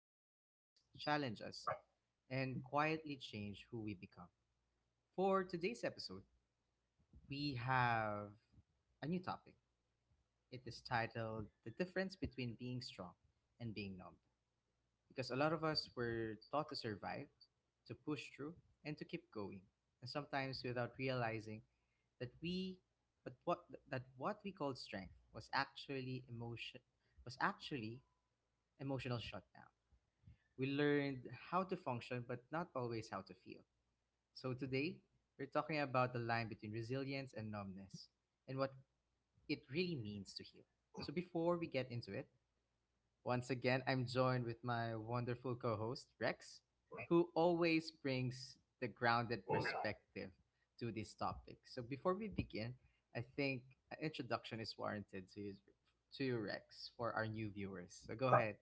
that shapes us, challenge us, and quietly change who we become. For today's episode, we have a new topic. It is titled The Difference Between Being Strong and Being Numb because a lot of us were taught to survive, to push through, and to keep going, and sometimes without realizing that we, that what we called strength was actually was actually emotional shutdown. We learned how to function, but not always how to feel. So today, we're talking about the line between resilience and numbness, and what it really means to heal. So before we get into it, once again, I'm joined with my wonderful co host, Rex, who always brings the grounded perspective to this topic. So before we begin, I think an introduction is warranted to you, Rex, for our new viewers. So go ahead.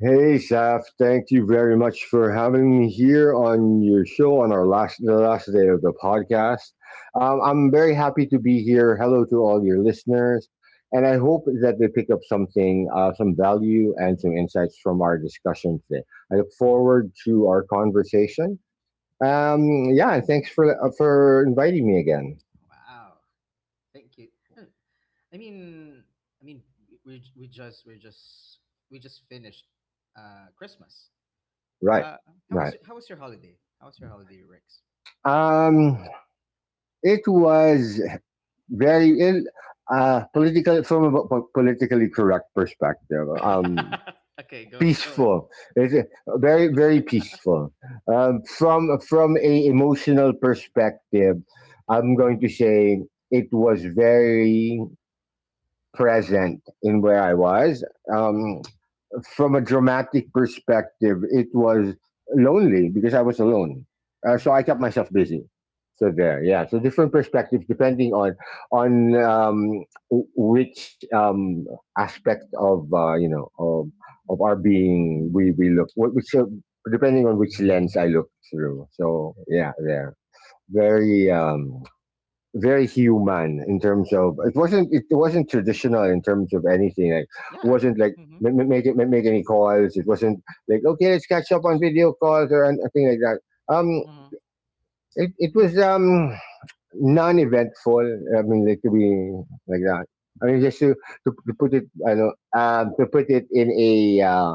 Hey, Saf, thank you very much for having me here on your show on our last the last day of the podcast. I'm very happy to be here. Hello to all your listeners, and I hope that they pick up something, some value, and some insights from our discussion today. I look forward to our conversation. Um, yeah, and thanks for inviting me again. Wow. Thank you. Uh, I mean, I mean, we just we just finished Christmas. Right, Uh, how right. was how was your holiday? How was your holiday, Rex? Um, it was very in political from a politically correct perspective. Okay, go it. Peaceful, it's very peaceful. From a emotional perspective, I'm going to say it was very present in where I was. Um, Mm-hmm. from a dramatic perspective, it was lonely because I was alone. So Mm-hmm. I kept myself busy. So there, yeah. So different perspectives depending on which aspect of you know of our being, we look, wh- which depending on which lens I look through. So yeah, there very very human in terms of, it wasn't traditional in terms of anything, like Yeah. wasn't like, Mhm. Make any calls, it wasn't like, okay, let's catch up on video calls or anything like that. um Mhm. it was non-eventful. I mean, like, to be like that, I mean, just to to put it, I know, to put it in a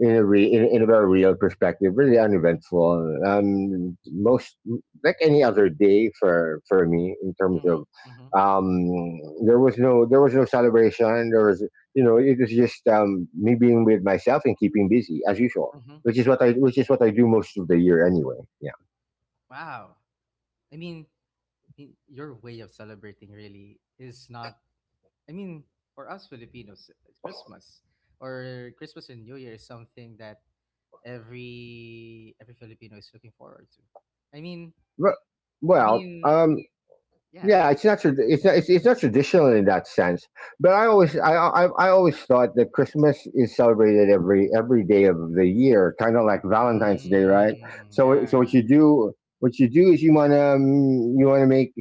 in a very real perspective, really uneventful. Most, like any other day for me in terms of Mhm. Mhm. um, there was no celebration. There was, you know, it was just, me being with myself and keeping busy as usual, Mhm. which is what I do most of the year anyway. Yeah. Wow. I mean, your way of celebrating really is not. I mean, for us Filipinos, it's Christmas or Christmas and New Year is something that every Filipino is looking forward to. I mean, But, I well, mean, yeah. yeah, it's not traditional in that sense, but I always thought that Christmas is celebrated every day of the year, kind of like Valentine's Day, right? Mm, So what yeah. you do what you do is, you want to make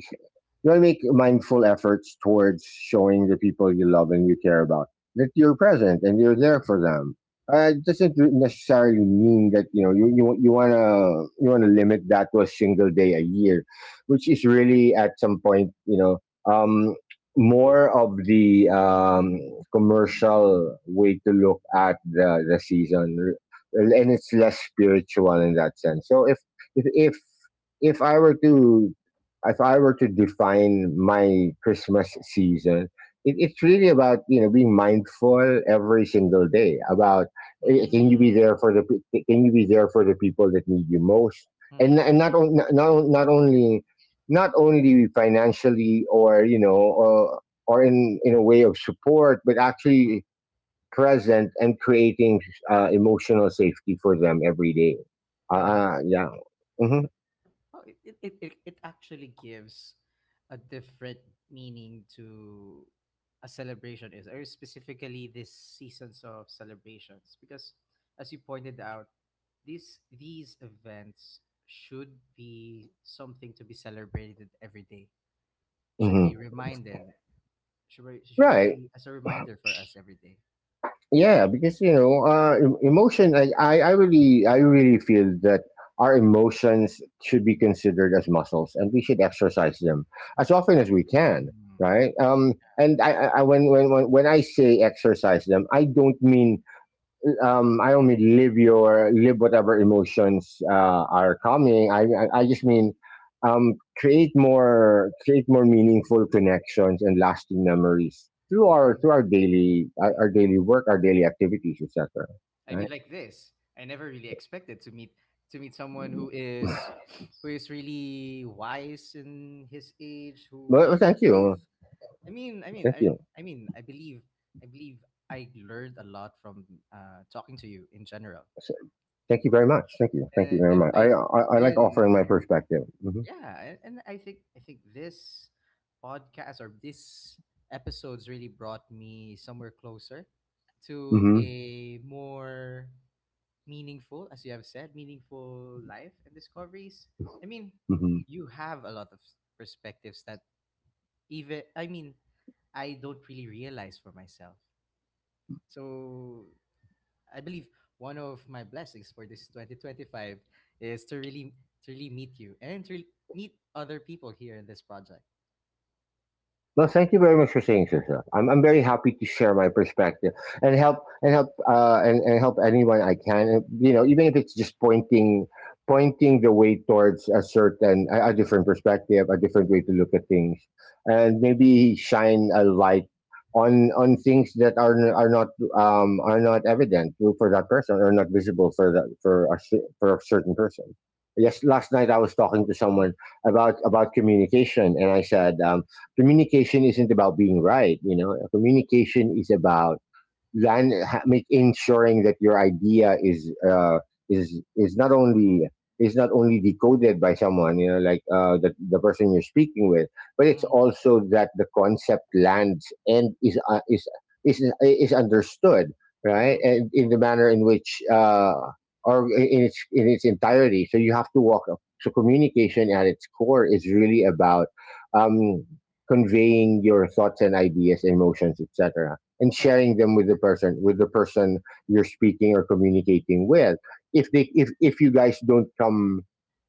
you'll make mindful efforts towards showing the people you love and you care about that you're present and you're there for them. It doesn't necessarily mean that, you know, you wanna limit that to a single day a year, which is really, at some point, you know, um, more of the commercial way to look at the season, and it's less spiritual in that sense. So if if if I were to if I were to define my Christmas season, it's really about, you know, being mindful every single day about, can you Mm, be there for the can you be there for the people that need you most, and mhm. and not only, financially, or, or in a way of support, but Mhm. actually present and creating emotional safety for them every day. uh, Mhm. uh, yeah hmm Well, it it actually gives a different meaning to a celebration is or specifically this seasons of celebrations because as you pointed out these events should be something to be celebrated every day, should be hmm should right be as a reminder for us every day. yeah because, emotion, I really feel that our emotions should be considered as muscles and we should exercise them as often as we can, Mhm. right. And when I say exercise them, I don't mean, I only live whatever emotions are coming. I just mean, create more meaningful connections and lasting memories through Mhm. Our daily our daily work, our daily activities, etc. I mean, like this. I never really expected to meet someone who is Right. Really wise in his age, who Well, really thank you, gives. I mean, I mean, thank I you, I mean, I believe I learned a lot from talking to you in general, S- thank you very much. Thank you and, very much. I I, I like offering my and perspective. Yeah, and I think this podcast or this episodes really brought me somewhere closer to hmm a more meaningful, as you have said, meaningful life and discoveries. I mean, hmm you have a lot of perspectives that even, I mean, I don't really realize for myself. So I believe one of my blessings for this 2025 is to really meet you and to really meet other people here in this project. Well, thank you very much for saying so, sir. I'm very happy to share my perspective and help anyone I can. You know, even if it's just pointing the way towards a different perspective, a different way to look at things, and maybe shine a light on things that are not, are not evident for that person, or not visible for a certain person. Yes, last night I was talking to Mm-hmm, someone about communication, and I said, communication isn't about being right. You know, communication is about, than ha- make ensuring that your idea is is is not only not only decoded by someone, you know, like, the person you're speaking with, but it's mm-hmm, also that the concept lands and is understood right, mm-hmm. and in the manner in which, or in its entirety. So you have to walk up. So communication, at its core, is really about, um, conveying your thoughts and ideas, emotions, etc, and Exactly. sharing them with the person you're speaking or communicating with. If they if you guys don't come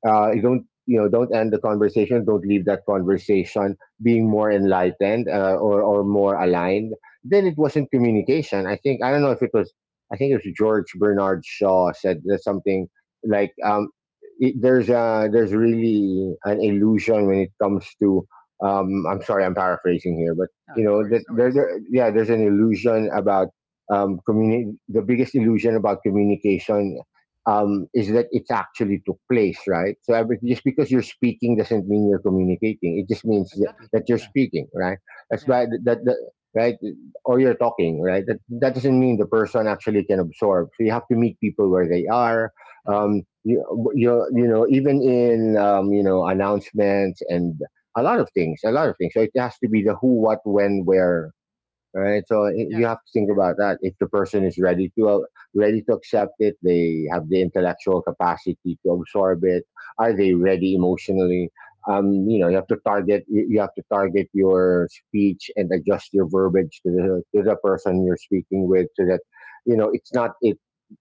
uh don't, you know, don't leave that conversation being more enlightened, or Mm-hmm. more aligned, then it wasn't communication. I think I don't know if it was I think it was George Bernard Shaw said that something like, there's a there's really an illusion when it comes to, I'm sorry, I'm paraphrasing here, but No, you no know worries, that, no there, worries. there yeah, the biggest illusion about communication, is that it's actually took place, right. So just because you're speaking doesn't mean you're communicating. It just means that Exactly. that you're Yeah, speaking, right, that's yeah. why that, right, or you're talking, right, that Mm-hmm, doesn't mean the person actually can absorb. So you have to meet people where they are. mm-hmm. You know, even in, you know, announcements and a lot of things, a lot of things. So it has to be the who, what, when, where, right? So you Yeah. have to think about that. If the person is ready to accept it, they have the intellectual capacity to absorb it. Are they ready emotionally? You know, you have to target your speech and adjust your verbiage to the person you're speaking with, so that, you know, it's not it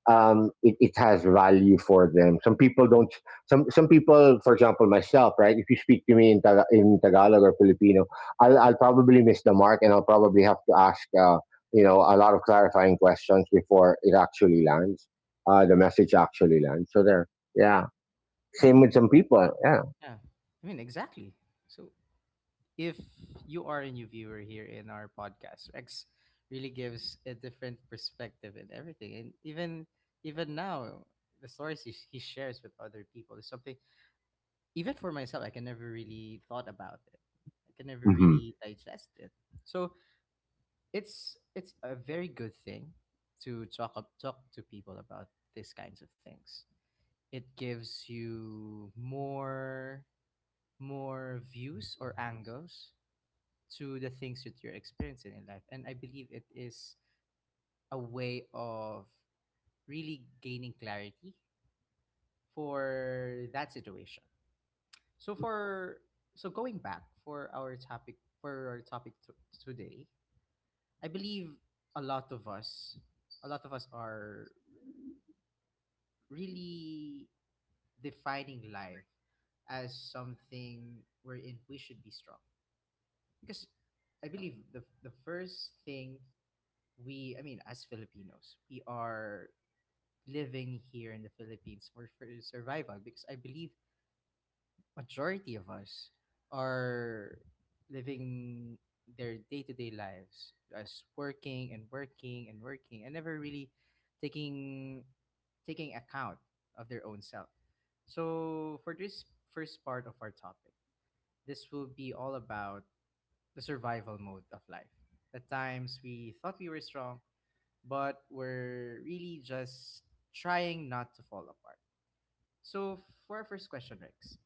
it has value for them. Some people don't, some people, for example myself, right, if you speak to me in Tagalog or Filipino, I'll probably miss the mark and I'll probably have to ask, you know, a lot of clarifying questions before it actually lands, the message actually lands. So there, yeah. I Same with mean, some people, yeah. I mean, exactly. So if you are a new viewer here in our podcast, Rex really gives a different perspective in everything. And even even now, the stories he shares with other people is something even for myself I can never really thought about it. I can never yeah. really digest it. So it's a very good thing to talk to people about these kinds of things. It gives you more views or angles to the things that you're experiencing in life. And I believe it is a way of really gaining clarity for that situation. So for so going back for our topic today, I believe a lot of us a lot of us are really defining life as something wherein we should be strong because I believe the first thing we I mean as Filipinos we are living here in the Philippines for, survival because I believe majority of us are living their day-to-day lives as working and working and working and never really taking account of their own self. So for this first part of our topic, this will be all about the survival mode of life, the times we thought we were strong, but we're really just trying not to fall apart. So, for our first question, Rex,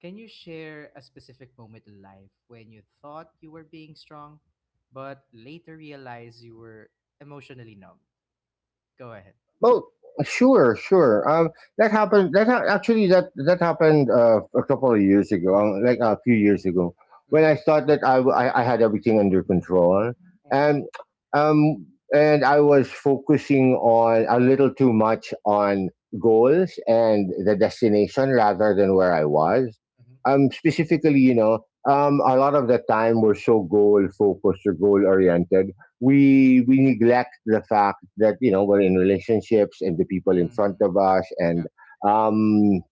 can you share a specific moment in life when you thought you were being strong, but later realized you were emotionally numb? Go ahead. Oh, sure, sure. That happened. Actually, that happened, a couple of years ago, like a few years ago, when Mm-hmm. I thought that I had everything under control, and um and I was focusing on a little too much on goals and the destination rather than where I was. Mm-hmm. Specifically, you know, a lot of the time we're so goal focused or goal oriented, we neglect the fact that, you know, we're in relationships and the people in Mm-hmm. front Mm. of us, Yeah. and um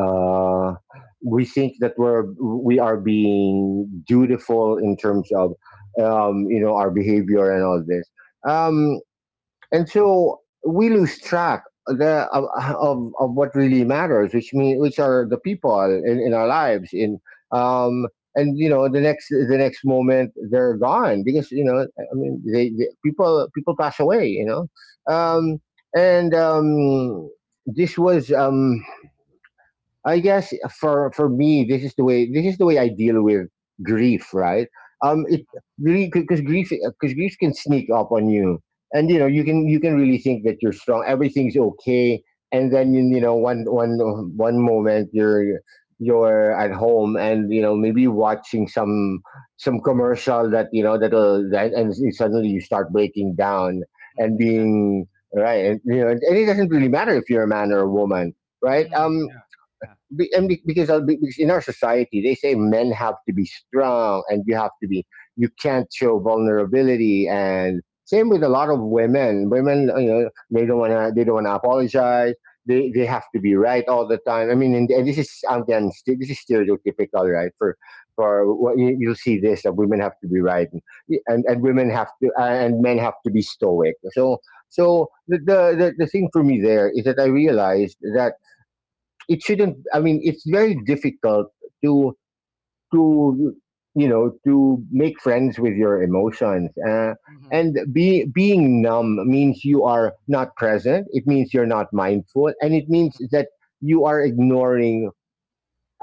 uh we think that we are being dutiful in terms of, you know, our behavior and all this, Mm-hmm. um and so we lose track of what really matters, which are the people in our lives. In um and, you know, the next moment they're gone, because, you know, I mean, they people pass away. You know, Mm-hmm. um Yeah. and, this was, I guess, for me, this is the way I deal with grief, right? It Mm-hmm. really, because grief, can sneak up on you, and you know you can, really think that you're strong, everything's okay, and then, you know, one moment you're, at home, and you know, maybe watching some commercial that, you know, that'll that and suddenly you start breaking down Mm, and exactly. being, right, and you know, and it doesn't really matter if you're a man or a woman, right? Mm, yeah. Yeah. Be, and be, because of- because in our society they say men have to be strong and you have to be, you can't show vulnerability. And same with a lot of women, you know, they don't want to they don't want to apologize. They have to be right all the time. I mean and, and this is again this is stereotypical, right? For what you'll see this, that women have to be right, and women have to and men have to be stoic. So the thing for me there is that I realized that it shouldn't, I mean, it's very difficult to to you know to make friends with your emotions. uh, Mm-hmm. and be, being numb means you are not present, it means you're not mindful, and it means that you are ignoring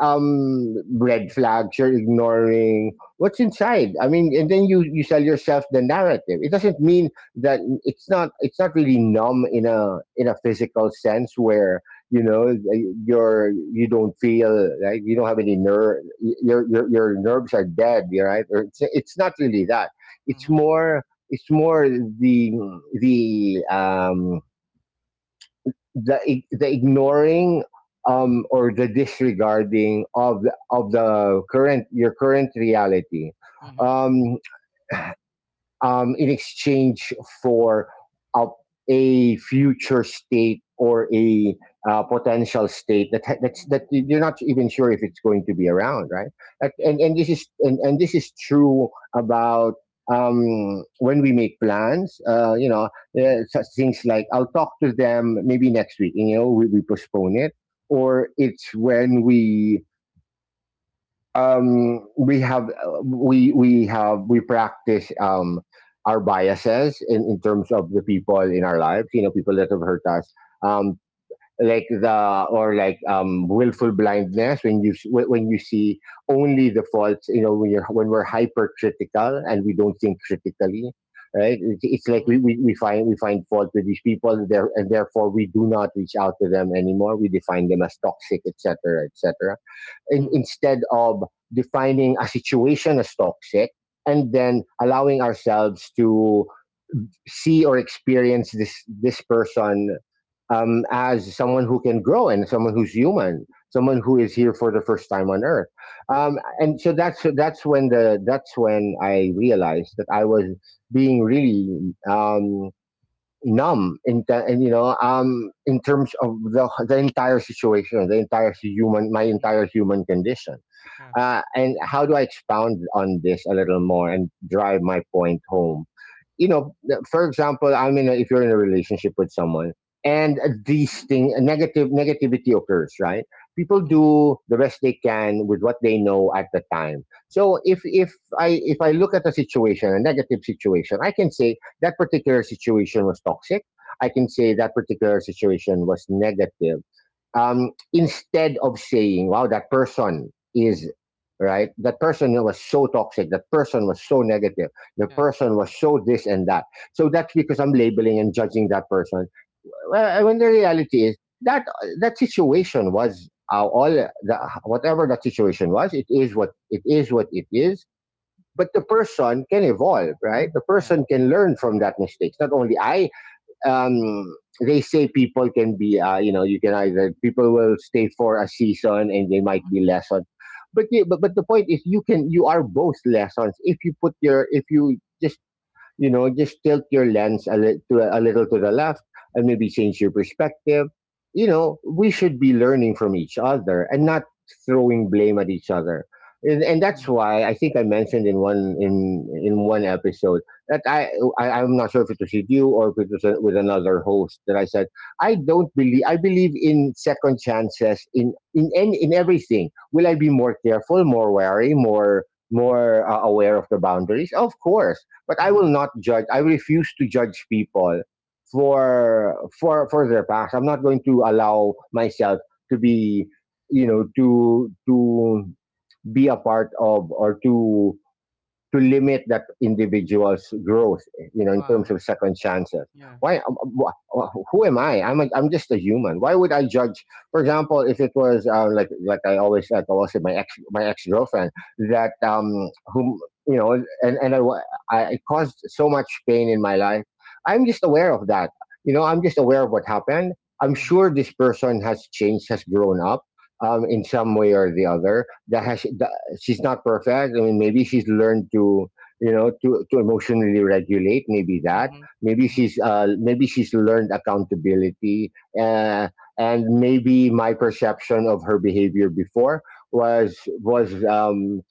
red flags, you're ignoring what's inside. I mean, and then you sell yourself the narrative. It doesn't mean that it's not really numb in a physical sense where, you know, you're, you don't feel right, you don't have any nerve, your nerves are dead, you're right, or it's not really that. It's Mm-hmm. more, it's more the the um the ignoring, or the disregarding of of the current, your current reality. Mm-hmm. Um, in exchange for a, a future state or a potential state that that you're not even sure if it's going to be around, right? Yeah. And this is true about, when we make plans. You know, such things like, I'll talk to them maybe next week. You know, we postpone it. Or it's when we, we have we have we practice, our biases in terms of the people in our lives. You know, people that have hurt us. Um, like the or like willful blindness when when you see only the faults. You know, when you're when we're hypercritical and we don't think critically, right? It's like Mm-hmm. We find, we find fault with these people there, and therefore we do not reach out to them anymore, we define them as toxic, etc, etc. Mm-hmm. Instead of defining a situation as toxic, and then allowing ourselves to see or experience this this person as someone who can grow, and someone who's human, someone who is here for the first time on Earth. Mm-hmm. And so that's when I realized that I was being really, um, numb in the, and you know in terms of the entire situation, the entire human, my Mm-hmm. entire human condition. Yeah. And how do I expound on this a little more and drive my point home? You know, for example, I mean, if you're in a relationship with someone and these thing negative negativity occurs, right? People do the best they can with what they know at the time. So if I look at a situation, a negative situation, I can say that particular situation was toxic. I can say that particular situation was negative, instead of saying, wow, that person is right, that person was so toxic, that person was so negative, the Yeah. person was so this and that. So that's because I'm labeling and judging that person. Well, when the reality is that that situation was, whatever that situation was, it is what it is what it is. But the person can evolve, right? The Yeah. person can learn from that mistakes. Not only I. Um, they say people can be, you know, you can either, people will stay for a season, and they might be lessons. But, yeah, but the point is, you can, you are both lessons if you put your, if you just, you know, just tilt your lens a little to the left and maybe change your perspective. You know, we should be learning from each other, and not throwing blame at each other. And that's why I think I mentioned in one episode that I, I'm not sure if it was with you or if it was with another host, that I said, I don't believe, I believe in second chances in everything. Will I be more careful, more wary, more aware of the boundaries? Of course. But I will Mm-hmm. not judge. I refuse to judge people for their past. I'm not going to allow myself to be, you know, to be a part of, or to limit that individual's growth, you know, in terms Wow. of second chances. Yeah. Why? Who am I? I'm just a human. Why would I judge? For example, if it was, like I always say, my ex, my ex girlfriend that, whom you know, and and I, wa- I, it caused so much pain in my life. I'm just aware of that. You know, I'm just aware of what happened. I'm Mhm. sure this person has changed, has grown up, in some way or the other. That has, she's not perfect. I mean, maybe she's learned to, you know, to emotionally regulate. Maybe that. Mhm. Mhm. Maybe she's learned accountability. Uh, and maybe my perception of her behavior before was was um,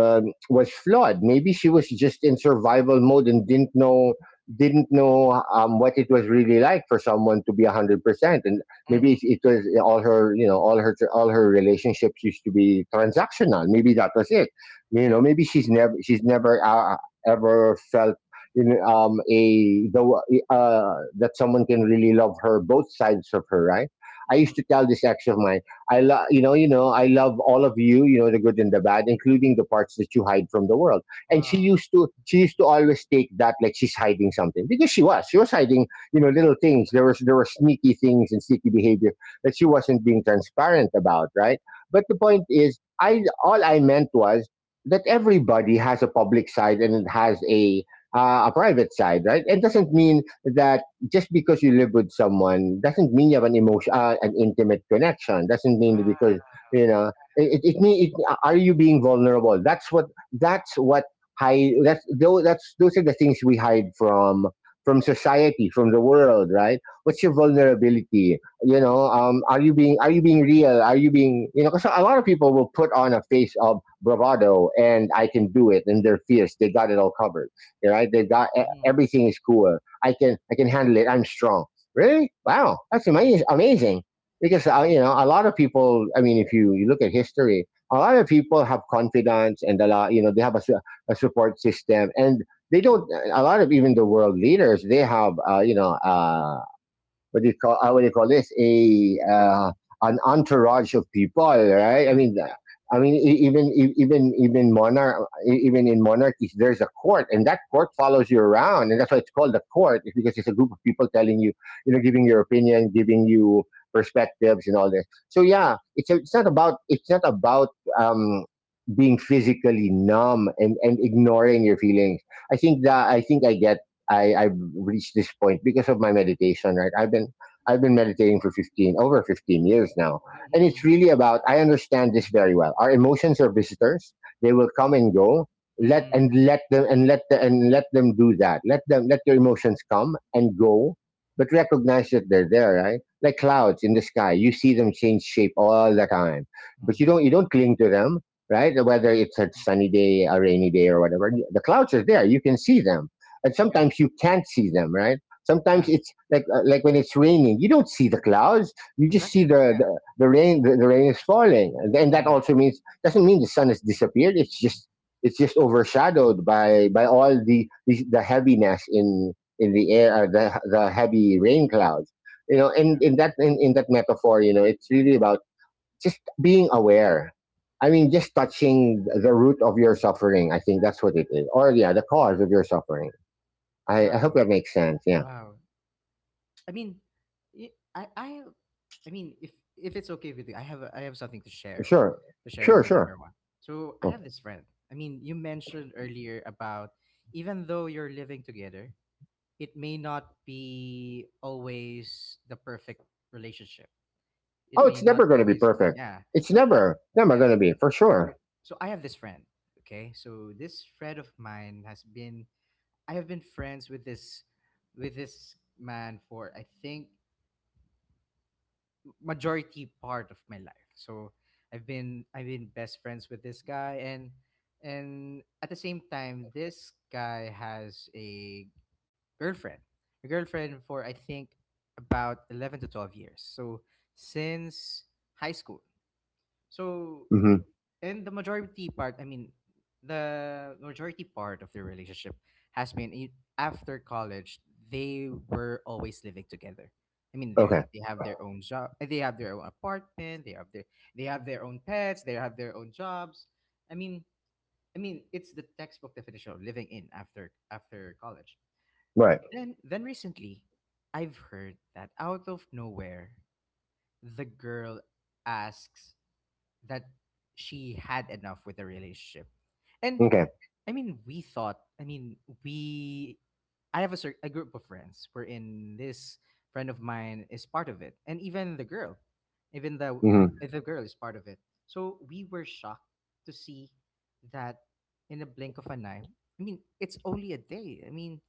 um, was flawed. Maybe she was just in survival mode and didn't know, what it was really like for someone to be 100%. And maybe Mhm. Was, yeah, all her, you know, all her relationships used to be transactional, maybe that was it. You know, Yeah. maybe she's never ever felt in a the that someone can really love her, both sides of her, right? I Mhm. used to tell this ex of mine, I love, you know, you know, I love all of you, you know, the good and the bad, including the parts that you hide from the world. And she Wow. used to, she used to always take that like she's hiding something, because she was, she was hiding, you know, little things. There was there were sneaky things and sneaky behavior that she wasn't being transparent about, right? But the point is, I, all I meant was that everybody has a public side, and it has a private side, right? It doesn't mean that just because you live with someone doesn't mean you have an emotion, an intimate connection. Doesn't mean that because, Wow. you know, it. Are you being vulnerable? That's what, that's what hide. That's those, that's those are the things we hide from society, from the world, right? What's your vulnerability? You Mhm. know, are you being real? Are you being, you know? Because a lot of people will put on a face of bravado, and I can do it, and they're fierce, they got it all covered, right? They got Mhm. everything is cool. I can handle it. I'm strong. Really? Wow, that's Mhm. amazing. Amazing. Because, Mhm. you know, a lot of people, I mean, if you look at history, a lot of people have confidence, and a lot, you know, they have a support system, and they don't, a lot of, even the world leaders, they have you know, what do you call How do you call this a an entourage of people, right? I Yeah. mean, Yeah. I mean, even even in monarchies there's a court, and that court follows you around, and that's why it's called the court. It's because it's a group of people telling you, you know, giving your opinion, giving you perspectives and all this. So yeah, it's it's not about, it's not about um, being physically numb, and ignoring your feelings. I think that, I think I get, I've reached this point because of my meditation. Right, I've been, I've been meditating for 15 years now, and Mhm. it's Mhm. really about, I understand this very well. Our emotions are visitors, they will come and go. Mm. Let them do that. Let them, let your emotions come and go, but recognize that they're there. Right, like clouds in the sky, you see them change shape all the time, but you Mhm. don't, you don't cling to them, right? Whether it's a sunny day, a rainy day, or whatever, the clouds are there. You can see them, and Yeah. sometimes you can't see them, right? Sometimes Yeah. it's like, like when it's raining, you don't see the clouds, you just see Exactly. the Yeah. The rain, the rain is falling, and then that Mhm. also means, doesn't mean the sun has disappeared, it's just, it's just overshadowed by all the the heaviness in the air, the heavy rain clouds, you know. And in that, in that metaphor, you know, it's really about just being aware. I mean, just touching the root of your suffering, I think that's what it is, or yeah, the cause of your suffering. I hope Wow. that makes sense. Yeah. Wow. I mean, y- I I have- I mean, if if it's okay with you, I have I have something to share, Sure. Sure. with Sure. everyone. So I have this friend. I mean, you mentioned earlier about even though you're living together, it may not be always the perfect relationship. Oh, It it's may not never going to be always perfect. yeah. It's So I never, never yeah. going to be for sure. So so I have this friend, okay? So this friend of mine has been I have been friends with this man for I think majority part of my life. So I've been best friends with this guy and at the same time this guy has a girlfriend. Your girlfriend for I think about 11 to 12 years. So since high school. So Hmm. and the majority part, I mean, the majority part of their relationship has been after college, they were always living together. I mean, Okay. they have their own job, they have their own apartment, they have their own pets, they have their own jobs. I mean, it's the textbook definition of living in after after college. Right. Then, recently, I've heard that out of nowhere, the girl asks that she had enough with the relationship. And Okay. I mean, we thought, I mean, we, I have a, a group of friends wherein this friend of mine is part of it. And even Hmm. the girl is part of it. So we were shocked to see that in a blink of an eye, I mean, it's only a day. I mean,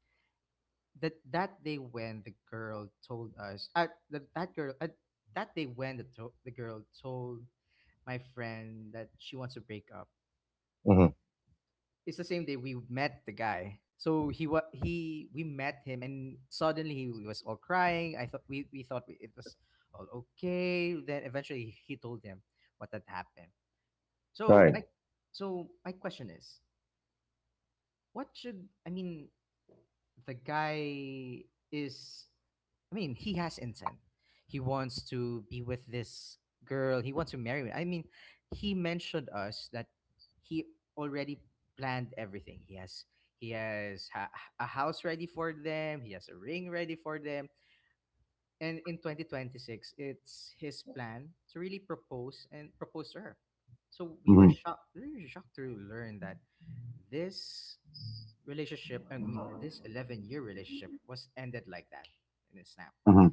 that day when the girl told us that that girl that day when the to- the girl told my friend that she wants to break up. Hmm. It's the same day we met the guy, so he wa- he we met him and suddenly he was all crying. I thought we thought it was all okay, then eventually he told him what had happened. So Right. my question is what should I mean? The guy is. I mean, he has intent. He wants to be with this girl. He wants to marry me. I mean, he mentioned us that he already planned everything. He has he has ha- a house ready for them. He has a ring ready for them. And in 2026, it's his plan to really propose and propose to her. So we were Hmm. shocked. We were shocked to learn that this relationship, I mean, this 11-year relationship was ended like that in a snap. Hmm.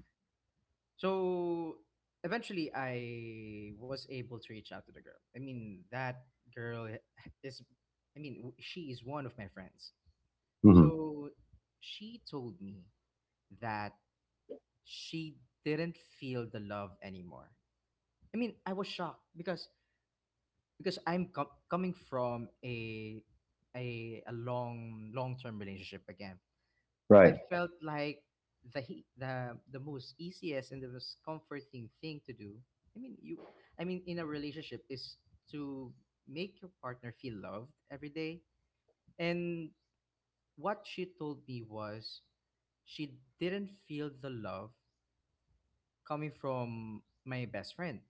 So eventually I was able to reach out to the girl. I mean, that girl is, I mean, she is one of my friends. Hmm. So she told me that she didn't feel the love anymore. I mean, I was shocked because coming from a long long term relationship again. I Right. felt like the most easiest and the most comforting thing to do. I mean, you. I mean, in a relationship is to make your partner feel loved every day. And what she told me was, she didn't feel the love coming from my best friend,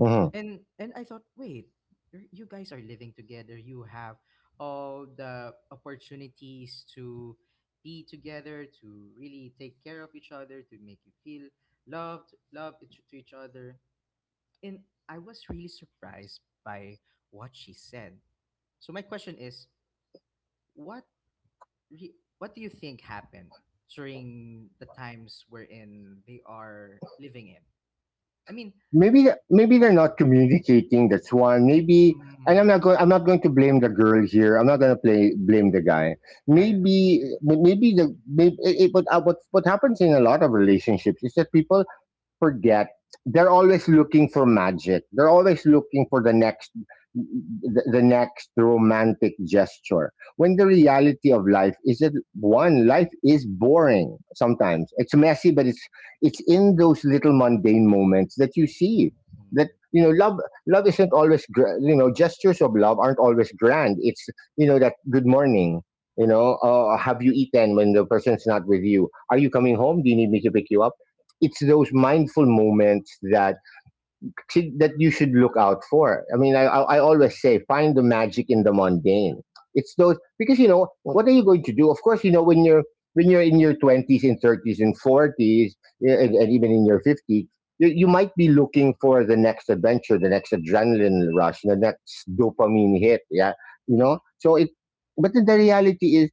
Hmm. And I thought, wait, you're, you guys are living together. You have all the opportunities to be together, to really take care of each other, to make you feel loved, to each other. And I was really surprised by what she said. So my question is, what what do you think happened during the times wherein they are living in? I mean, Maybe they're not communicating. That's one. Maybe, and mm, I'm not going to blame the girl here. I'm not going to play blame the guy. yeah, yeah. Maybe, maybe the maybe. But what happens in a lot of relationships is that people forget. They're always looking for magic, they're always looking for the next romantic gesture, when the reality of life is that one, life is boring sometimes, it's messy, but it's in those little mundane moments that you see, that Mm-hmm. you know love isn't always gra- You know, gestures of love aren't always grand. It's, you know, that good morning, you know, have you eaten, when the person's not with you, are you coming home, do you need me to pick you up. It's those mindful moments that you should look out for. I mean, I always say, find the magic in the mundane. It's those, because you know, what are you going to do? Of course, you know, when you're in your twenties and thirties and forties, yeah, and even in your fifties, you might be looking for the next adventure, the next adrenaline rush, the next dopamine hit. Yeah, you Mm-hmm. know. But the reality is,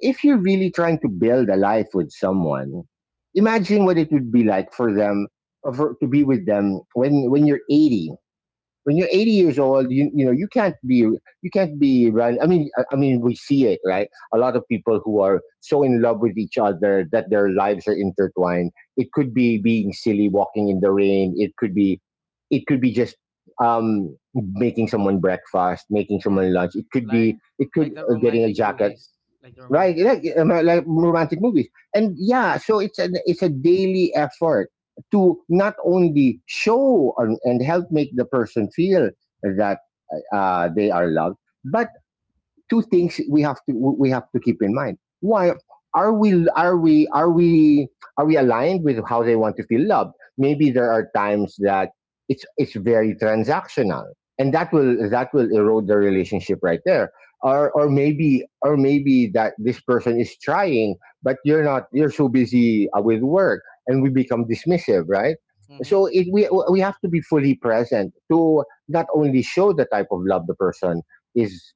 if you're really trying to build a life with someone, imagine what it would be like for them, to be with them when you're 80. When you're 80 years old, you know you can't be, you can't be run. I mean, I mean, we see it, right? A lot of people who are so in love with each other that their lives are intertwined. It could be being silly, walking in the rain. It could be, just um making someone breakfast, making Yeah, someone lunch. It could be, like it could like the getting a romantic jacket, movies, like the right? romantic movies. Like romantic movies. And yeah, so it's a daily effort, to not only show, and help make the person feel that they are loved, but two things we have to, keep in mind. Why are we are we are we are we aligned with how they want to feel loved? Maybe there are times that it's very transactional, and that will erode the relationship right there. Or maybe that this person is trying, but you're not you're so busy with work, and we become dismissive, right? Mm-hmm. So we have to be fully present, to not only show the type of love the person is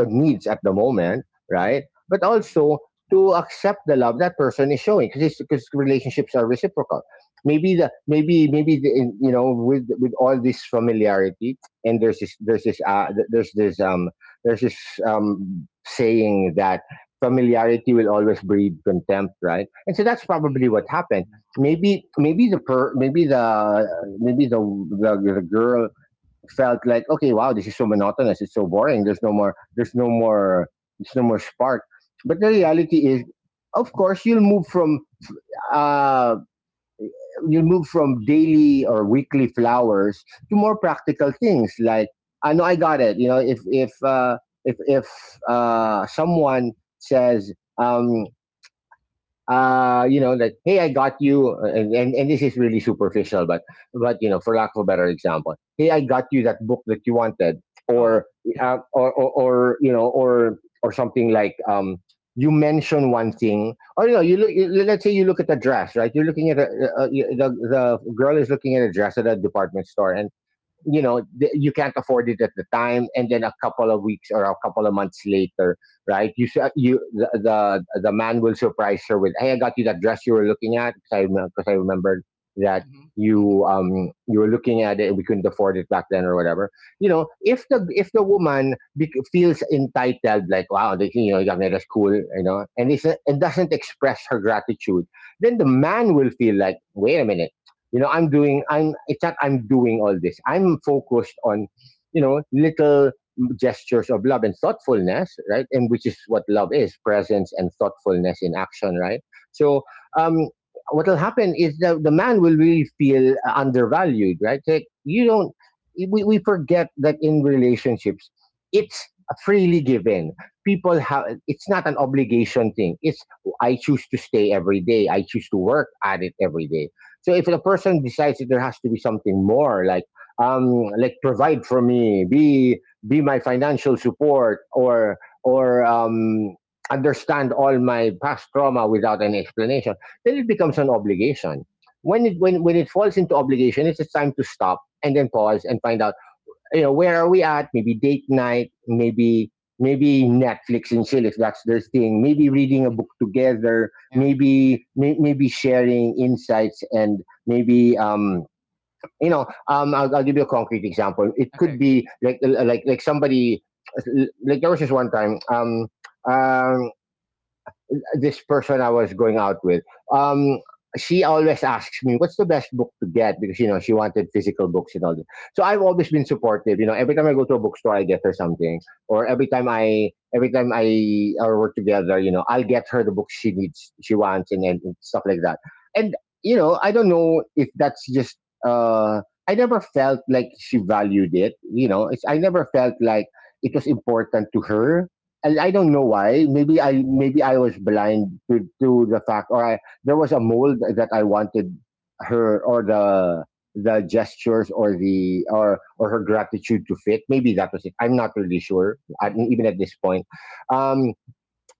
needs at the moment, right, Mm-hmm. but Yeah. also to accept the love that person is showing, because relationships are reciprocal. Maybe the maybe maybe the, in- You know, with all this familiarity, and there's this, there's this saying that familiarity will always breed contempt, right? And so that's probably what happened. Mm-hmm. Maybe maybe the per maybe the maybe the girl felt like, okay, wow, this is so monotonous, it's so boring, there's no more spark. But the Mm-hmm. reality is, of course you'll move from, uh, daily or weekly flowers to more practical things, like, I know, I got it, you know. If someone says, you know, like, hey, I got you, and and this is really superficial, but you know, for lack of a better example, hey, I got you that book that you wanted, Oh, or yeah. You know, or something like, you mention one thing, or, you know, you look, let's say you look at the dress, right, you're looking at the girl is looking at a dress at a department store, and you know, you can't afford it at the time, and then a couple of weeks or a couple of months later, right, you s- you the the man will surprise her with, hey, I got you that dress you were looking at, because I, remembered that Mm-hmm. Mm-hmm. you, you were looking at it and we couldn't afford it back then, or whatever. You know, if the woman bec feels entitled, like, wow, they, you know, you got me, that's cool, you know, and it's and doesn't express her gratitude, then the man will feel like, wait a minute. You know, I'm doing, it's not, I'm doing all this. I'm focused on, you know, little gestures of love and thoughtfulness, right? And which is what love is: presence and thoughtfulness in action, right? So, um, what will happen is that the man will really feel undervalued, right? Like, you don't, we forget that in relationships, it's freely given. People have, it's not an obligation thing. It's, "Oh, I choose to stay every day. I choose to work at it every day." So if the person decides that there has to be something more, like, like, provide for me, be my financial support, or or um, understand all my past trauma without any explanation, then it becomes an obligation. When it falls into obligation, it's just time to stop and then pause and find out, you know, where are we at. Maybe date night, maybe Netflix and chill if that's their thing, maybe reading a book together, Yeah. maybe sharing insights, and maybe, you know, I'll give you a concrete example. It Okay. could Okay. be like, somebody, like there was this one time, um this person I was going out with, um, she always asks me, "What's the best book to get?" Because, you know, she wanted physical books and all that. So I've always been supportive. You know, every time I go to a bookstore, I get her something, or every time I, or work together, you know, I'll get her the books she needs, she wants, and stuff like that. And, you know, I don't know if that's just. Uh, I never felt like she valued it. You know, it's, I never felt like it was important to her, and I don't know why. Maybe I was blind to, the fact, or I, there was a mold that I wanted her, or the gestures, or the or her gratitude to fit. Maybe that was it. I'm not really sure. I, Mm-hmm. even at this point, um,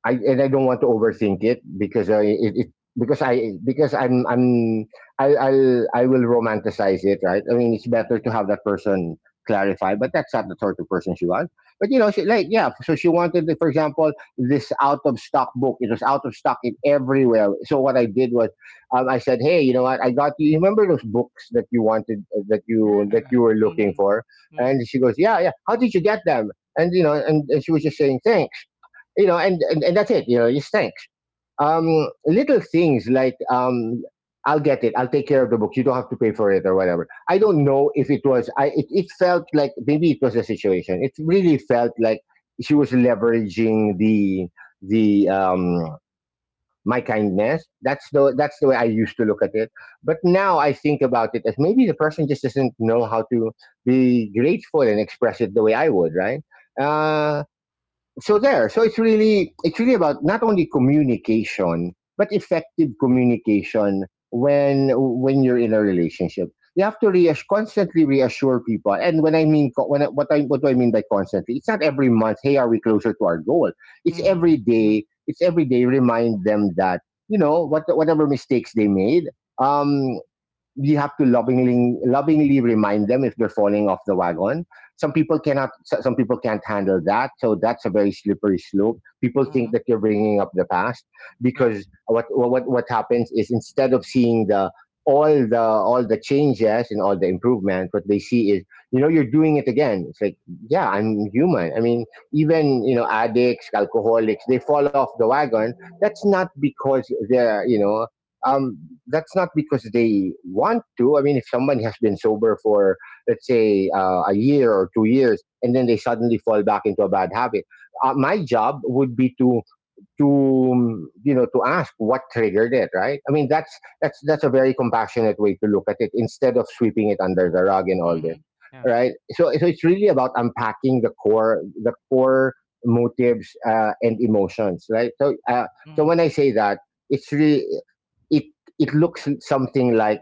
I don't want to overthink it, because I I will romanticize it, right? I mean, it's better to have that person clarify, but that's not the sort of person she was. But you know, she, like, yeah, so she wanted, for example, this out of stock book. It was out of stock in everywhere. So what I did was, I said, hey, you know what? I got you. You remember those books that you wanted, that you Yeah. Were looking Mm-hmm. for? Mm-hmm. And she goes, yeah, yeah, how did you get them? And you know, and she was just saying, thanks, you know, and that's it. You know, just thanks. Um, Mm-hmm. Little things, like, I'll get it, I'll take care of the book, you don't have to pay for it, or whatever. I don't know if it was, I, it felt like, maybe it was the situation. It really felt like she was leveraging the my kindness. That's the, way I used to look at it. But now I think about it as, maybe the person just doesn't know how to be grateful and express it the way I would. Right. Uh, so there, it's really, about not only communication, but effective communication. When you're in a relationship, you have to reassure, constantly reassure people. And when I mean co- when I what do I mean by constantly? It's not every month, hey, are we closer to our goal. It's Mm-hmm. every Mm-hmm. day, remind them that, you know what, whatever mistakes they made, um you have to lovingly, remind them if they're falling off the wagon. Some people can't handle that, so that's a very slippery slope, people think Mm-hmm. that you're bringing up the past. Yeah. Because what happens is, instead of seeing the all the all the changes and all the improvement, what they see is, you know, you're doing it again. It's like, yeah, I'm human. I mean, even, you know, addicts, alcoholics, they fall off the wagon. That's not because they're, you know, um, that's not because they want to. I mean, if someone has been sober for, let's say, a year or 2 years, and then they suddenly fall back into a bad habit, my job would be to to ask what triggered it, right? I mean, that's a very compassionate way to look at it instead of sweeping it under the rug and all Mm-hmm. this, Yeah. right? So it's really about unpacking the core motives and emotions, right? So Mm-hmm. when I say that it's really it it looks something like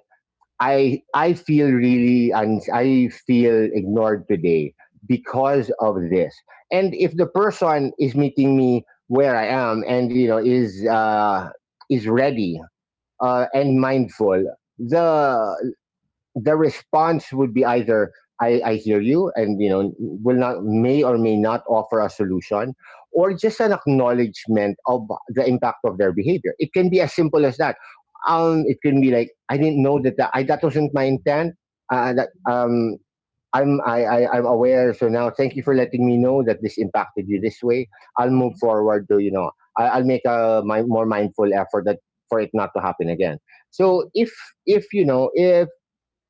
I feel really and I feel ignored today because of this. And if the person is meeting me where I am and you know is ready and mindful, the the response would be either I hear you and you know will not may or may not offer a solution or just an acknowledgement of the impact of their behavior. It can be as simple as that. It can be like I didn't know that, that I that wasn't my intent. Uh, that um i'm I, I i'm aware, so now thank you for letting me know that this impacted you this way. I'll move Mm-hmm. forward to you know I, I'll make a more mindful effort that for it not to happen again. Mm-hmm. So if if you know if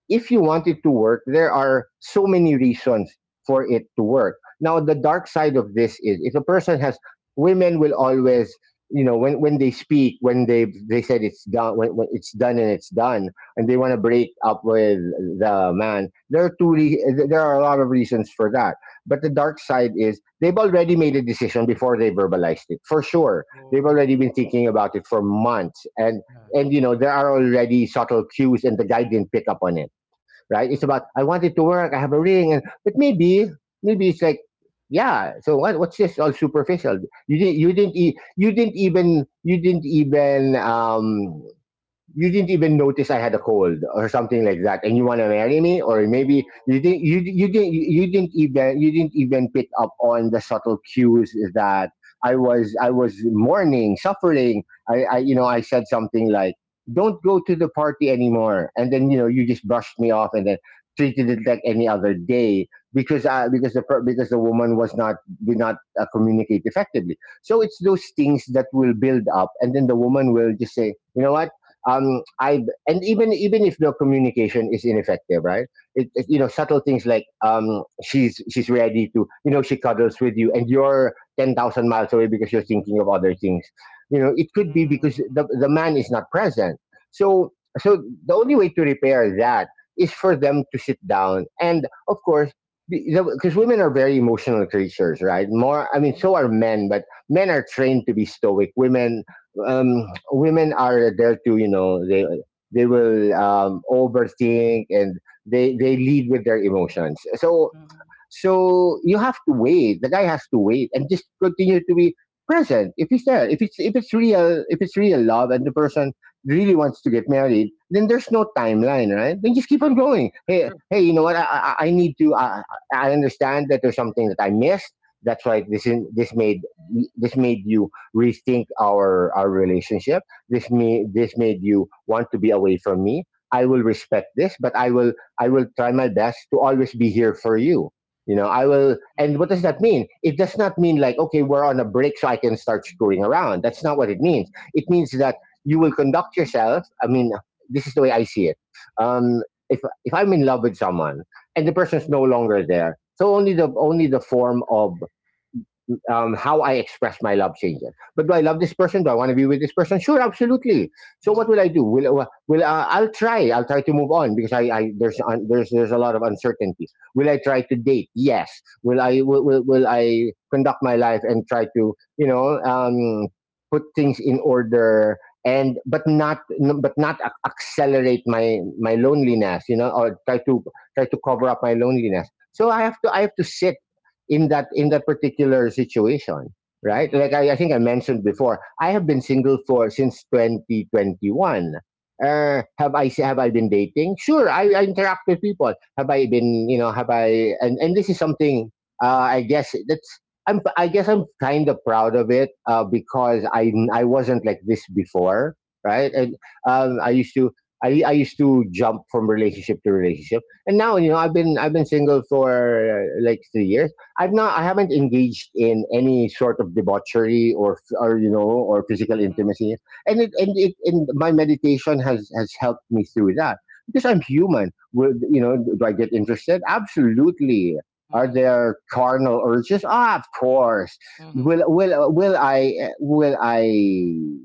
if you want it to work, there are so many reasons for it to work. Now, the dark side of this is if a person has, women will always, you know, when they speak, when they said it's done, when it's done, and they want to break up with the man. There are a lot of reasons for that. But the dark side is they've already made a decision before they verbalized it. For sure, they've Whoa. already been thinking about it for Mm, months, and yeah. and you know there are already subtle cues, and the guy didn't pick up on it, right? It's Mm-hmm. about I want it to work. I have a ring, and but maybe maybe it's like yeah. So what, what's this all superficial? You didn't even you didn't even notice I had a cold or something like that, and you want to marry me? Or maybe you didn't Whoa. you you didn't you didn't even you didn't even pick up on the subtle cues that I was mourning, suffering. I, you know I said something like, "Don't go to the party anymore," and then you Mm-hmm. know you just brushed me off and then treated it like any other day because the woman was not did not communicate effectively. So it's those things that will build up, and then the woman will just say, you know what? I and even even if the communication is ineffective, right? You know, subtle things like she's ready to you know she cuddles with you and you're 10,000 miles away because you're thinking of other things. You know, it could be because Mm-hmm. the man is not present. So so the only way to repair that is for them to sit down. And of course, because women are very emotional creatures, right? More, I mean, so are men, but men are trained to be stoic. Women are there to, you know, they will overthink, and they lead with their emotions. So Mm-hmm. so you have to wait. The guy has to wait and just continue to be present. If he's there, if it's real love, and the person really wants to get married, then there's no timeline, right? Then just keep on True. going. True. You know what? I need to. I understand that there's something that I missed. That's why this made you rethink our relationship. This made you want to be away from me. I will respect this, but I will try my best to always be here for you. You know, I will. And what does that Mm-hmm. mean? It does not mean like, okay, we're on a break, so I can start screwing around. That's not what it means. It means that you will conduct yourself. I mean, this is the way I see it. Um, if I'm in love with someone and the person's no longer there, so only the form of how I express my love changes. But do I love this person? Do I want to be with this person? Sure, absolutely. So what Mm-hmm. will I do? Will I'll try. I'll try to move on because I, there's there's a lot of uncertainty. Will I try to date? Yes. Will I conduct my life and try to, you know, put things in order, and but not accelerate my loneliness, you know, or try to try to cover up my loneliness. So I have to sit in that particular situation, right? Mhm, Like, I think I mentioned before, I have been single for since 2021. Have I, have I been dating? Sure. I interact with people. Have I been, you know, and this is something uh, i guess that's I guess I'm kind of proud of it, because I wasn't like this before, right? And mhm, um, i used to I used to jump from relationship to relationship, and now, you know, I've been single for like 3 years. I haven't engaged in any sort of debauchery, or, you know, or physical mhm, intimacy, and my meditation has helped me through that because I'm human. Would, you know, do I get interested? Absolutely. Are mhm, there carnal urges? Ah, of course. mhm, Will will will I will I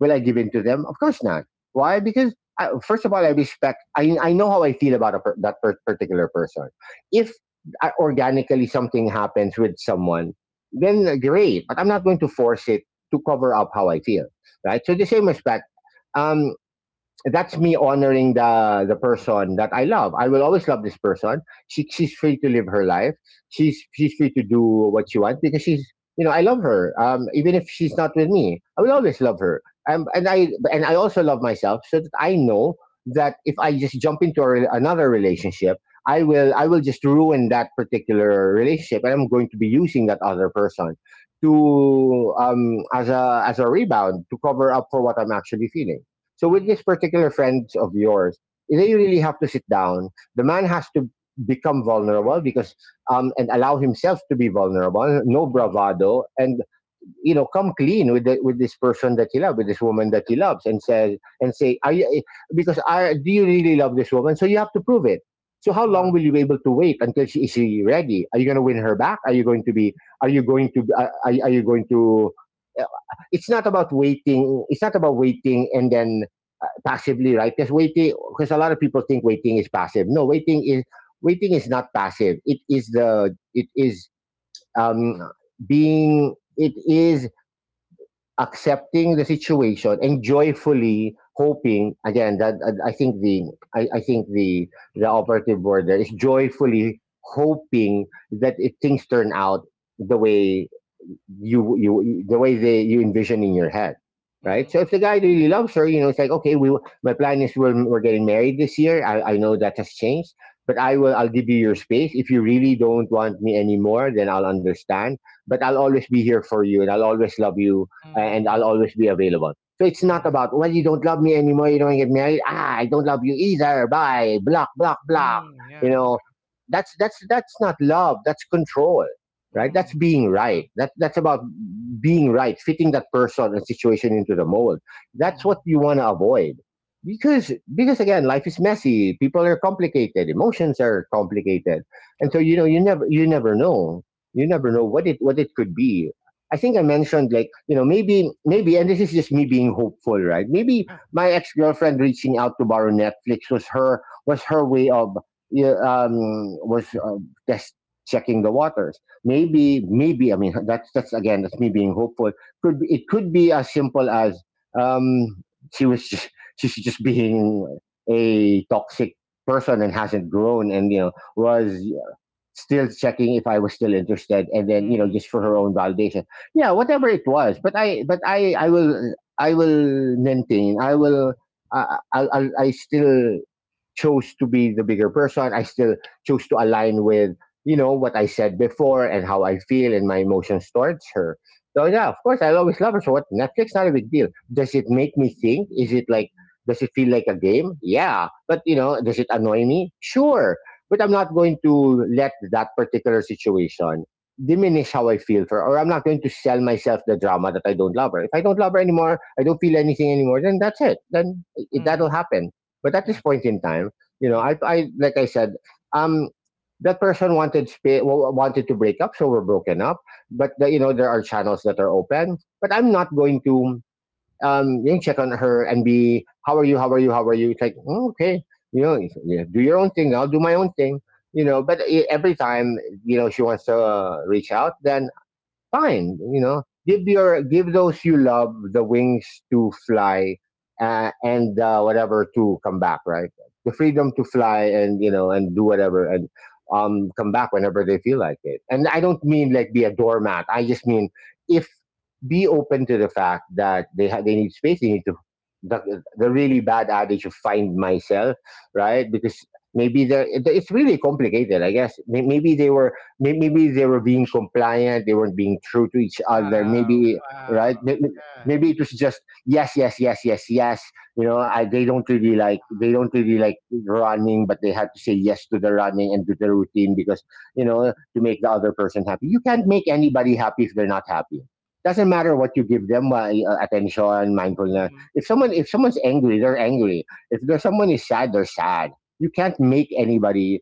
Will I give in to them? Of course not. Why? Because I, first of all, I respect. I know how I feel about that particular person. If organically something happens with someone, then great. But I'm not going to force it to cover up how I feel, right? So the same respect. Um, that's me honoring the person that I love. I will always love this person. She's free to live her life. She's free to do what she wants because she's, you know, I love her. Even if she's not with me, I will always love her. And I also love myself so that I know that if I just jump into another relationship, I will just ruin that particular relationship, and I'm going to be using that other person to as a rebound to cover up for what I'm actually feeling. So with mhm, these particular friends of yours, they really have to sit down. The man has to become vulnerable, because and allow himself to be vulnerable, no mhm. bravado, and you know come clean with with this person that he loves, with this woman that he loves, and say, "Are you, because I, do you really love this woman?" So you have to prove it. So how long Wow. will you be able to wait until she ready? Are you going to win Mhm, her back? Are you going to be? Are you going to? Are you going to? uh, It's not about waiting. It's not about waiting and then passively, right? Because waiting, because a lot of people think waiting is passive. No, waiting is not passive. It is the it is um, being it is accepting the situation and joyfully hoping again that I think the I think the operative word there is joyfully hoping that things turn out the way you you the way they you envision in your head, mhm, right? mhm, So if the guy really loves her, you know, it's like, okay, we my plan is we're getting married this year. I know that has changed, but I'll give you your space. If you really don't want me anymore, then I'll understand. But I'll always be here for you, and I'll always love you, and I'll mhm, always be available. So it's not mhm, about, well, you don't love me anymore, you don't get married. Ah, I don't love you either. Bye, block, block, block. You yeah, know, that's that's not love. That's control, right? That's mm, being yeah, right. That that's about being right, fitting that person and situation into the mold. That's what mhm, you want to avoid. Because again, life is messy. People are complicated. Emotions are complicated, and so true, you never know. You never know what it could be. I think I mentioned maybe and this is just me being hopeful, right? Maybe yeah, my ex girlfriend reaching out to borrow Netflix was her way of yeah, um was just checking the waters. Maybe, that's me being hopeful. Could be, it could be as simple as um she was just, she's just being a toxic person and hasn't grown, and was still checking if I was still interested, and then mhm, just for her mhm, own validation. Yeah, whatever it was, but I will, I will maintain, I will I still chose to be the bigger person. I still chose to align with, what I said before and how I feel and my emotions towards her. So yeah, of course, I'll always love her. So what? Netflix, not a big deal. Does it make me think? Is it like? Does it feel like a game? Yeah, but does it annoy me? Sure, but I'm not going to let that particular situation diminish how I feel for, or I'm not going to sell myself the drama that I don't love her. If I don't love her anymore, I don't feel anything anymore, then that's it. Then mhm, that'll happen. But at this yeah, point in time, mhm, I like I said, um, that person wanted to break up, so we're broken up. But the, there are channels that are open. But I'm not going to check on her and be how are you, how are you, how are you. It's like "Mm, okay, it's- yeah, do your own thing. I'll do my own thing. But every time she wants to reach out, then fine. Give your, give those you love the wings to fly and whatever, to come back, right? The mhm. freedom to fly and and do whatever, and come back whenever they feel like it. And I don't mean like be a doormat, I just mean, if, be open to the fact that they need space, they need to, the really bad adage of find myself, right? Because maybe it's really complicated, I guess. Maybe they were, maybe they were being compliant, they weren't being true to each other. Wow, Maybe, wow, right? Yeah, Maybe it was just yes, yes, yes, yes, yes. They don't really like, they don't really like running, but they had to say yes to the running and to the routine because to make the other person happy. You can't make anybody happy if they're not happy. Doesn't matter what you give them: attention, mindfulness. mhm, If mhm, someone's angry, they're angry. If there's someone is sad, they're sad. You can't make anybody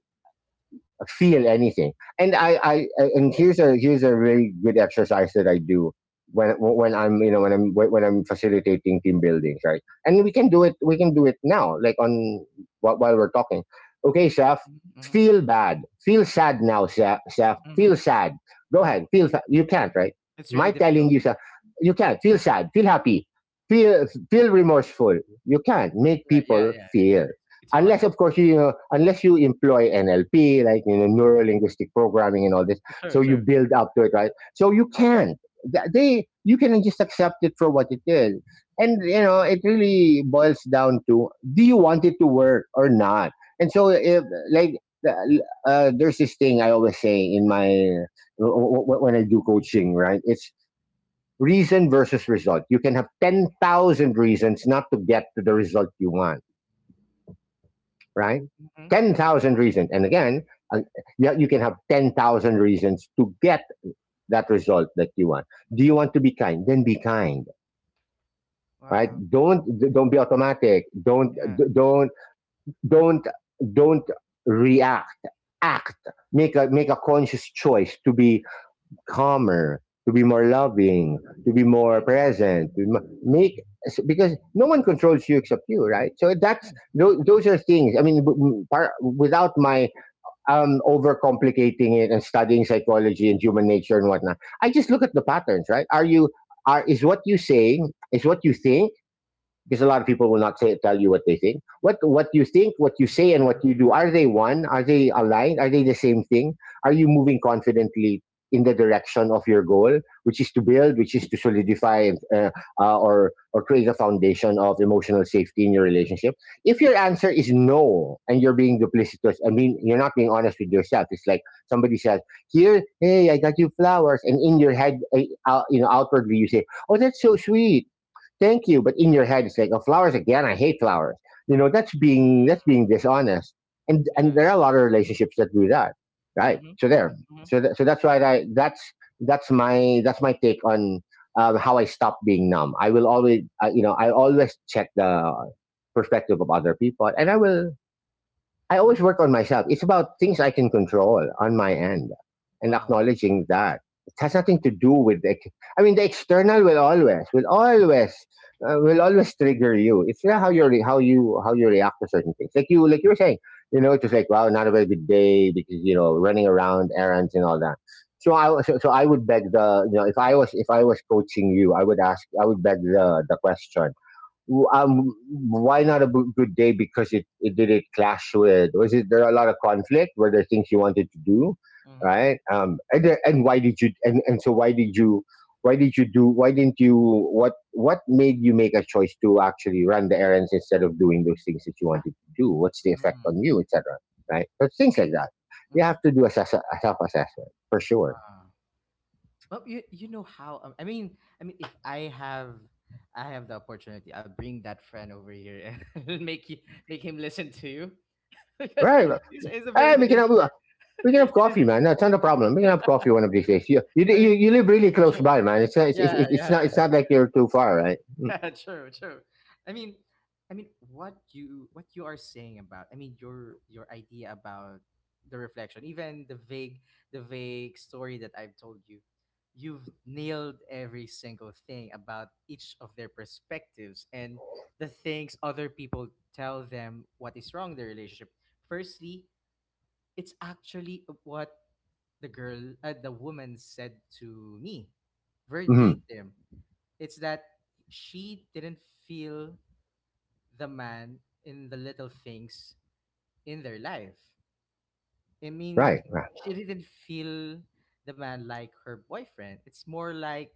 feel anything. And I, I, and here's a, here's a really good exercise that I do when, I'm when I'm facilitating team buildings, right? And we can do it. We can do it now, like on, while, we're talking. Okay, Shaf, mhm, mhm, feel bad. Feel sad now, Shaf. Shaf, mhm, feel sad. Go mhm. ahead. You can't, right? It's really My telling difficult. you, Shaf, you can't feel sad. Feel happy. Feel, feel remorseful. You can't make Yeah, yeah, people yeah, yeah. feel, It's hard. unless of course unless you employ NLP, like neuro linguistic programming and all this. It's true, So you true. build up to it, right? So you can, Th- they you can just accept it for what it is. And it really boils down to do you want it to work or not. And so if, like, there's this thing I always say in my when I do coaching, right? It's reason versus result. You can have 10,000 reasons not to get to the result you want, right? Mhm. 10,000 reasons. And again, uh, yeah, you can have 10,000 reasons to get that result that you want. Do you want to be kind? Then be kind, right? Wow. Don't be automatic. Yeah. don't, don't, don't react. Act. Make a, make a conscious choice to be calmer, to be more loving, to be more Mhm. present, make, because no one controls you except you, right? So Yeah. that's those are things. I mean, without my overcomplicating it and studying psychology and human nature and whatnot, I just look at the patterns, right? Are you are is what you say, is what you think, because a lot of people will not say, tell you what they think. What you think, what you say, and what you do, are they one? Are they aligned? Are they the same thing? Are you moving confidently in the direction of your goal, which is to build, which is to solidify and, or create a foundation of emotional safety in your relationship? If your answer is no, and you're being duplicitous, I mean, you're not being honest with yourself. It's like somebody says, "Here, hey, I got you flowers," and in your head, outwardly you say, "Oh, that's so sweet, thank you," but in your head it's like, oh, flowers again. I hate flowers. You know, that's being, Mhm. that's being dishonest. And, Yeah. there are a lot of relationships that do that, right? Mhm. So there, Mhm. so that, so that's why I, that's my take on how I stop being numb. I will always, I always check the perspective of other people, and I always work on myself. It's about things Mhm. I can control on my end and Wow. acknowledging that. It has nothing to do with the, I mean, the external will always, will always, will always trigger you. It's not how you Yeah. How you react to certain things. Like you were saying, it's just like wow, not a very good day because running around errands and all that. So I, so I would beg the, if I was, coaching you, I would ask, I would beg the question, w- um, why not a good day? Because it did, it clash with, was it, there are a lot of conflict? Were there things you wanted to do, Mhm. right? And and why did you, and so why did you, why did you do why didn't you, what made you make a choice to actually run the errands instead of doing those things that you wanted to do? What's the effect on Mhm. you, etc.? Right? So things like that. You Mhm. have to do a self assessment for sure. Wow. But you know how I mean if I have the opportunity I'll bring that friend over here and make you make him listen to you because Right. it's is the very Hey, we beginning. can, we can have You know, coffee, man. That's not a problem. We can have coffee one of these days. I mean You live really close sure. by, man. It's not, Yeah, it's yeah. not, it's not like you're too far, right? true, true. I mean, what you are saying about, your idea about the reflection, even the vague story that I've told you, you've nailed every single thing about each of their perspectives and the things other people tell them what is wrong in their relationship. Firstly, it's actually what the woman said to me Mm-hmm. verbatim. It's that she didn't feel the man in the little things in their life. i Right, mean right. she didn't feel the man like her boyfriend. It's more like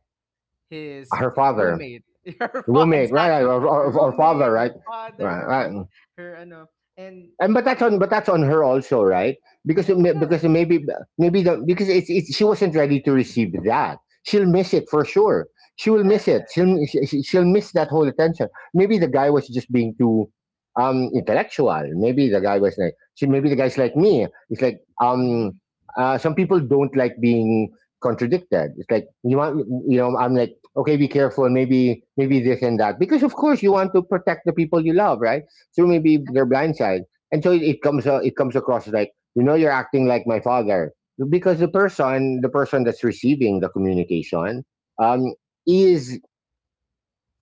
his Her father, roommate. Roommate, right? Right. Exactly, the Or roommate, father, right? her father, Right, her com- right. her ano and And but that's again. on, but that's on her also, right? Because because Yeah. it maybe, maybe the because it's she wasn't ready to receive that. She'll miss it for sure. She will Yeah. miss it. She'll miss that whole attention. Maybe the guy was just being too intellectual. Maybe the guy was like she, maybe the guy's like me. It's like Mm-hmm. Some people don't like being contradicted. It's like you want, I'm like okay, be careful, maybe, this and that, because of course you want to protect the people you love, right? So Mm, maybe exactly. they're blindsided, and so it comes, it comes across as like, you're acting like my father, because the person, that's receiving the communication, um, is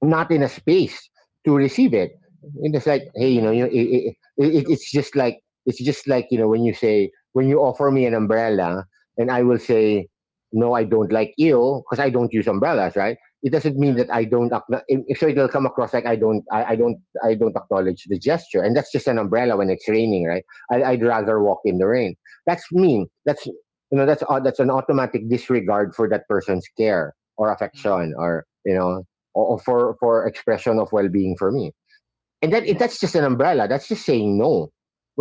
not in a space to receive it. And it's like, hey, Mm. So it's just like, it's just like, when you say, when you offer me an umbrella, and I will say, no, I don't like you because I don't use umbrellas, right? It doesn't mean yeah. that I don't. So it'll come across like I don't, I don't, I don't acknowledge the gesture, and that's just an umbrella when it's raining, right? Yeah. I'd rather walk in the rain. That's mean. That's, that's an automatic disregard for that person's care or Mhm. affection, or or for expression of well-being for me, I and that mean, I, that's just an umbrella, that's just saying no,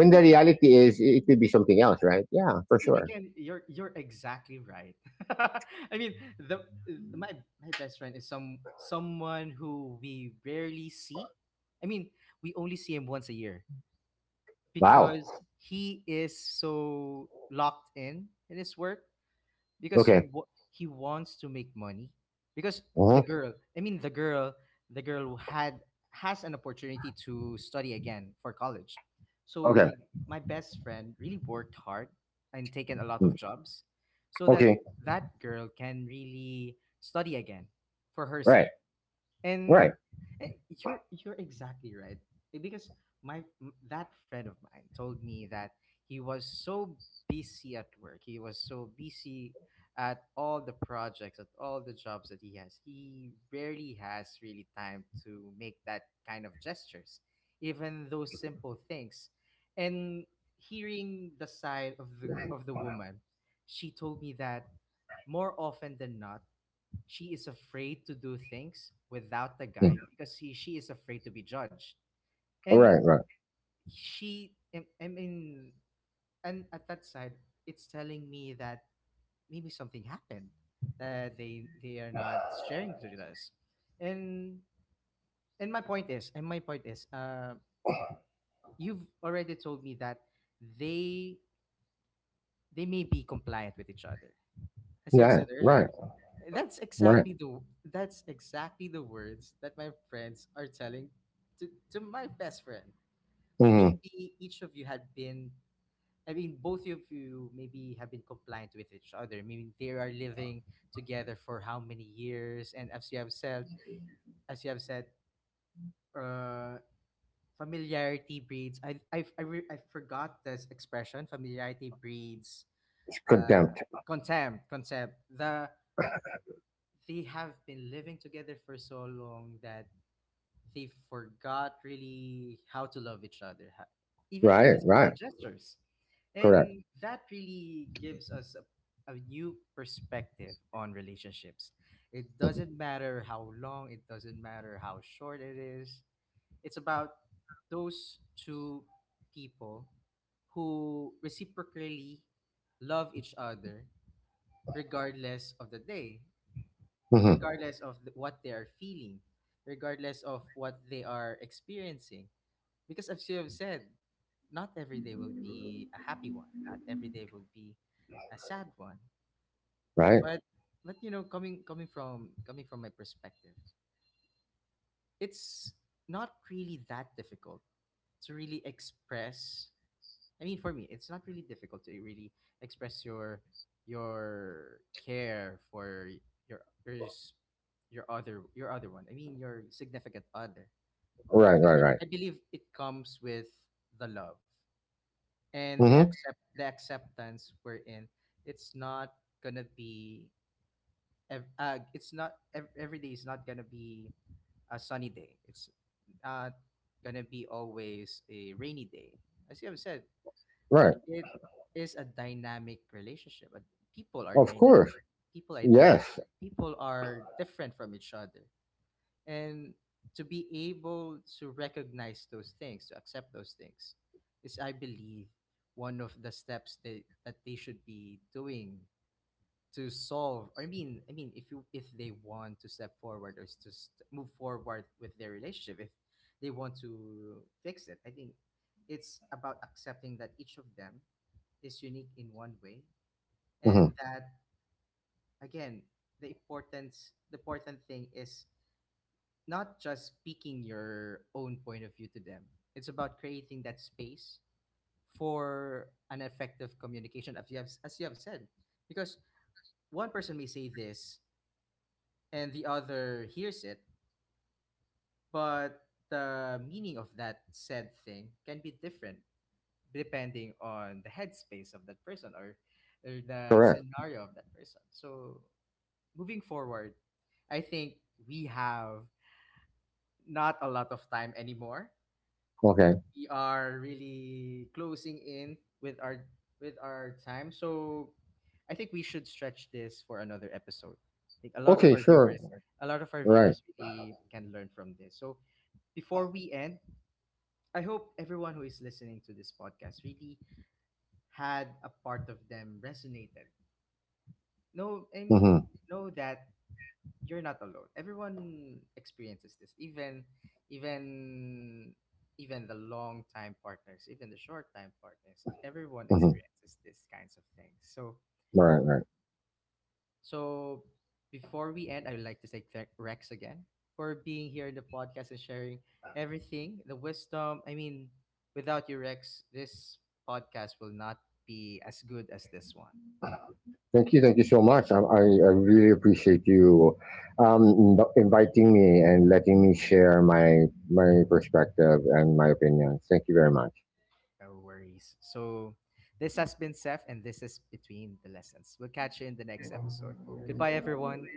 I the mean again, reality is it could be something else, right? Yeah, I for mean sure. again, you're exactly right. I mean, the my My best friend is someone who we rarely see. I mean, we only see him once a year Wow. because he is so locked in his work because Okay. He wants to make money. Because Uh-huh. The girl, the girl who had has an opportunity to study again for college. Okay. So my best friend really worked hard and taken a lot Mm. of jobs so that Okay. Girl can really study again for her Right, sake. And right. You're exactly right. Because that friend of mine told me that he was so busy at work, he was so busy at all the projects, at all the jobs that he has, he rarely has really time to make that kind of gestures, even those simple things. And hearing the side of the woman, she told me that more often than not, she is afraid to do things without the guy Mm. because she is afraid to be judged. All And right, right. she, I mean, and at that side, it's telling me that maybe something happened that they are not sharing with us. And and my point is, you've already told me that they they may be compliant with each other, as you have Yeah, said earlier. right, right. That's exactly the words that my friends are telling to my best friend. Mm-hmm. Maybe each of you had been, both of you maybe have been compliant with each other. Maybe they are living together for how many years, and as you have said, uh familiarity breeds, I forgot this expression. Familiarity breeds uh Contempt. contempt. Concept, the they have been living together for so long that they forgot really how to love each other, even in Right, the small right. gestures. Correct. And that really gives us a new perspective on relationships. It doesn't matter how long, it doesn't matter how short it is. It's about those two people who reciprocally love each other regardless of the day, Mm-hmm. regardless of what they are feeling, regardless of what they are experiencing. Because as you have said, not every day will be a happy one. Not every day will be a sad one. Right, But coming from my perspective, it's not really that difficult to really express. For me, it's not really difficult to really express your care for your your s- your other one. Your significant other, right, because right, right. I believe it comes with the love and Mm-hmm. The acceptance we're in. It's not gonna be ev- it's not ev- every day is not gonna be a sunny day. It's not gonna be always a rainy day. As you have said, Right. it is a dynamic relationship. But People are Of course. dynamic. People are dynamic. Yes. People are different from each other. And to be able to recognize those things, to accept those things, is, I believe, one of the steps that, that they should be doing to solve, or I mean if you if they want to step forward, or s- to st- move forward with their relationship. If they want to fix it, I think it's about accepting that each of them is unique in one way. And Mm-hmm. that, again, the important thing is not just speaking your own point of view to them, it's about creating that space for an effective communication, as you have said, because one person may say this and the other hears it, but the meaning of that said thing can be different depending on the headspace of that person, or the Correct. scenario of that person. So moving forward, I think we have not a lot of time anymore. Okay, We are really closing in with our time. So I think we should stretch this for another episode. I think okay, sure. A lot of our Right. viewers really can learn from this. So before we end, I hope everyone who is listening to this podcast really had a part of them resonated. No, I mean, Mm-hmm. know that you're not alone. Everyone experiences this, even even even the long time partners, even the short time partners. Everyone Mm-hmm. experiences these kinds of things. So Right, right. so before we end, I would like to say thank Rex again for being here in the podcast and sharing everything, the wisdom. I mean, without you, Rex, this podcast will not be as good as this one. Thank you so much. I really appreciate you inviting me and letting me share my, my perspective and my opinions. Thank you very much. No worries. So this has been Seth, and this is Between the Lessons. We'll catch you in the next episode. Goodbye, everyone.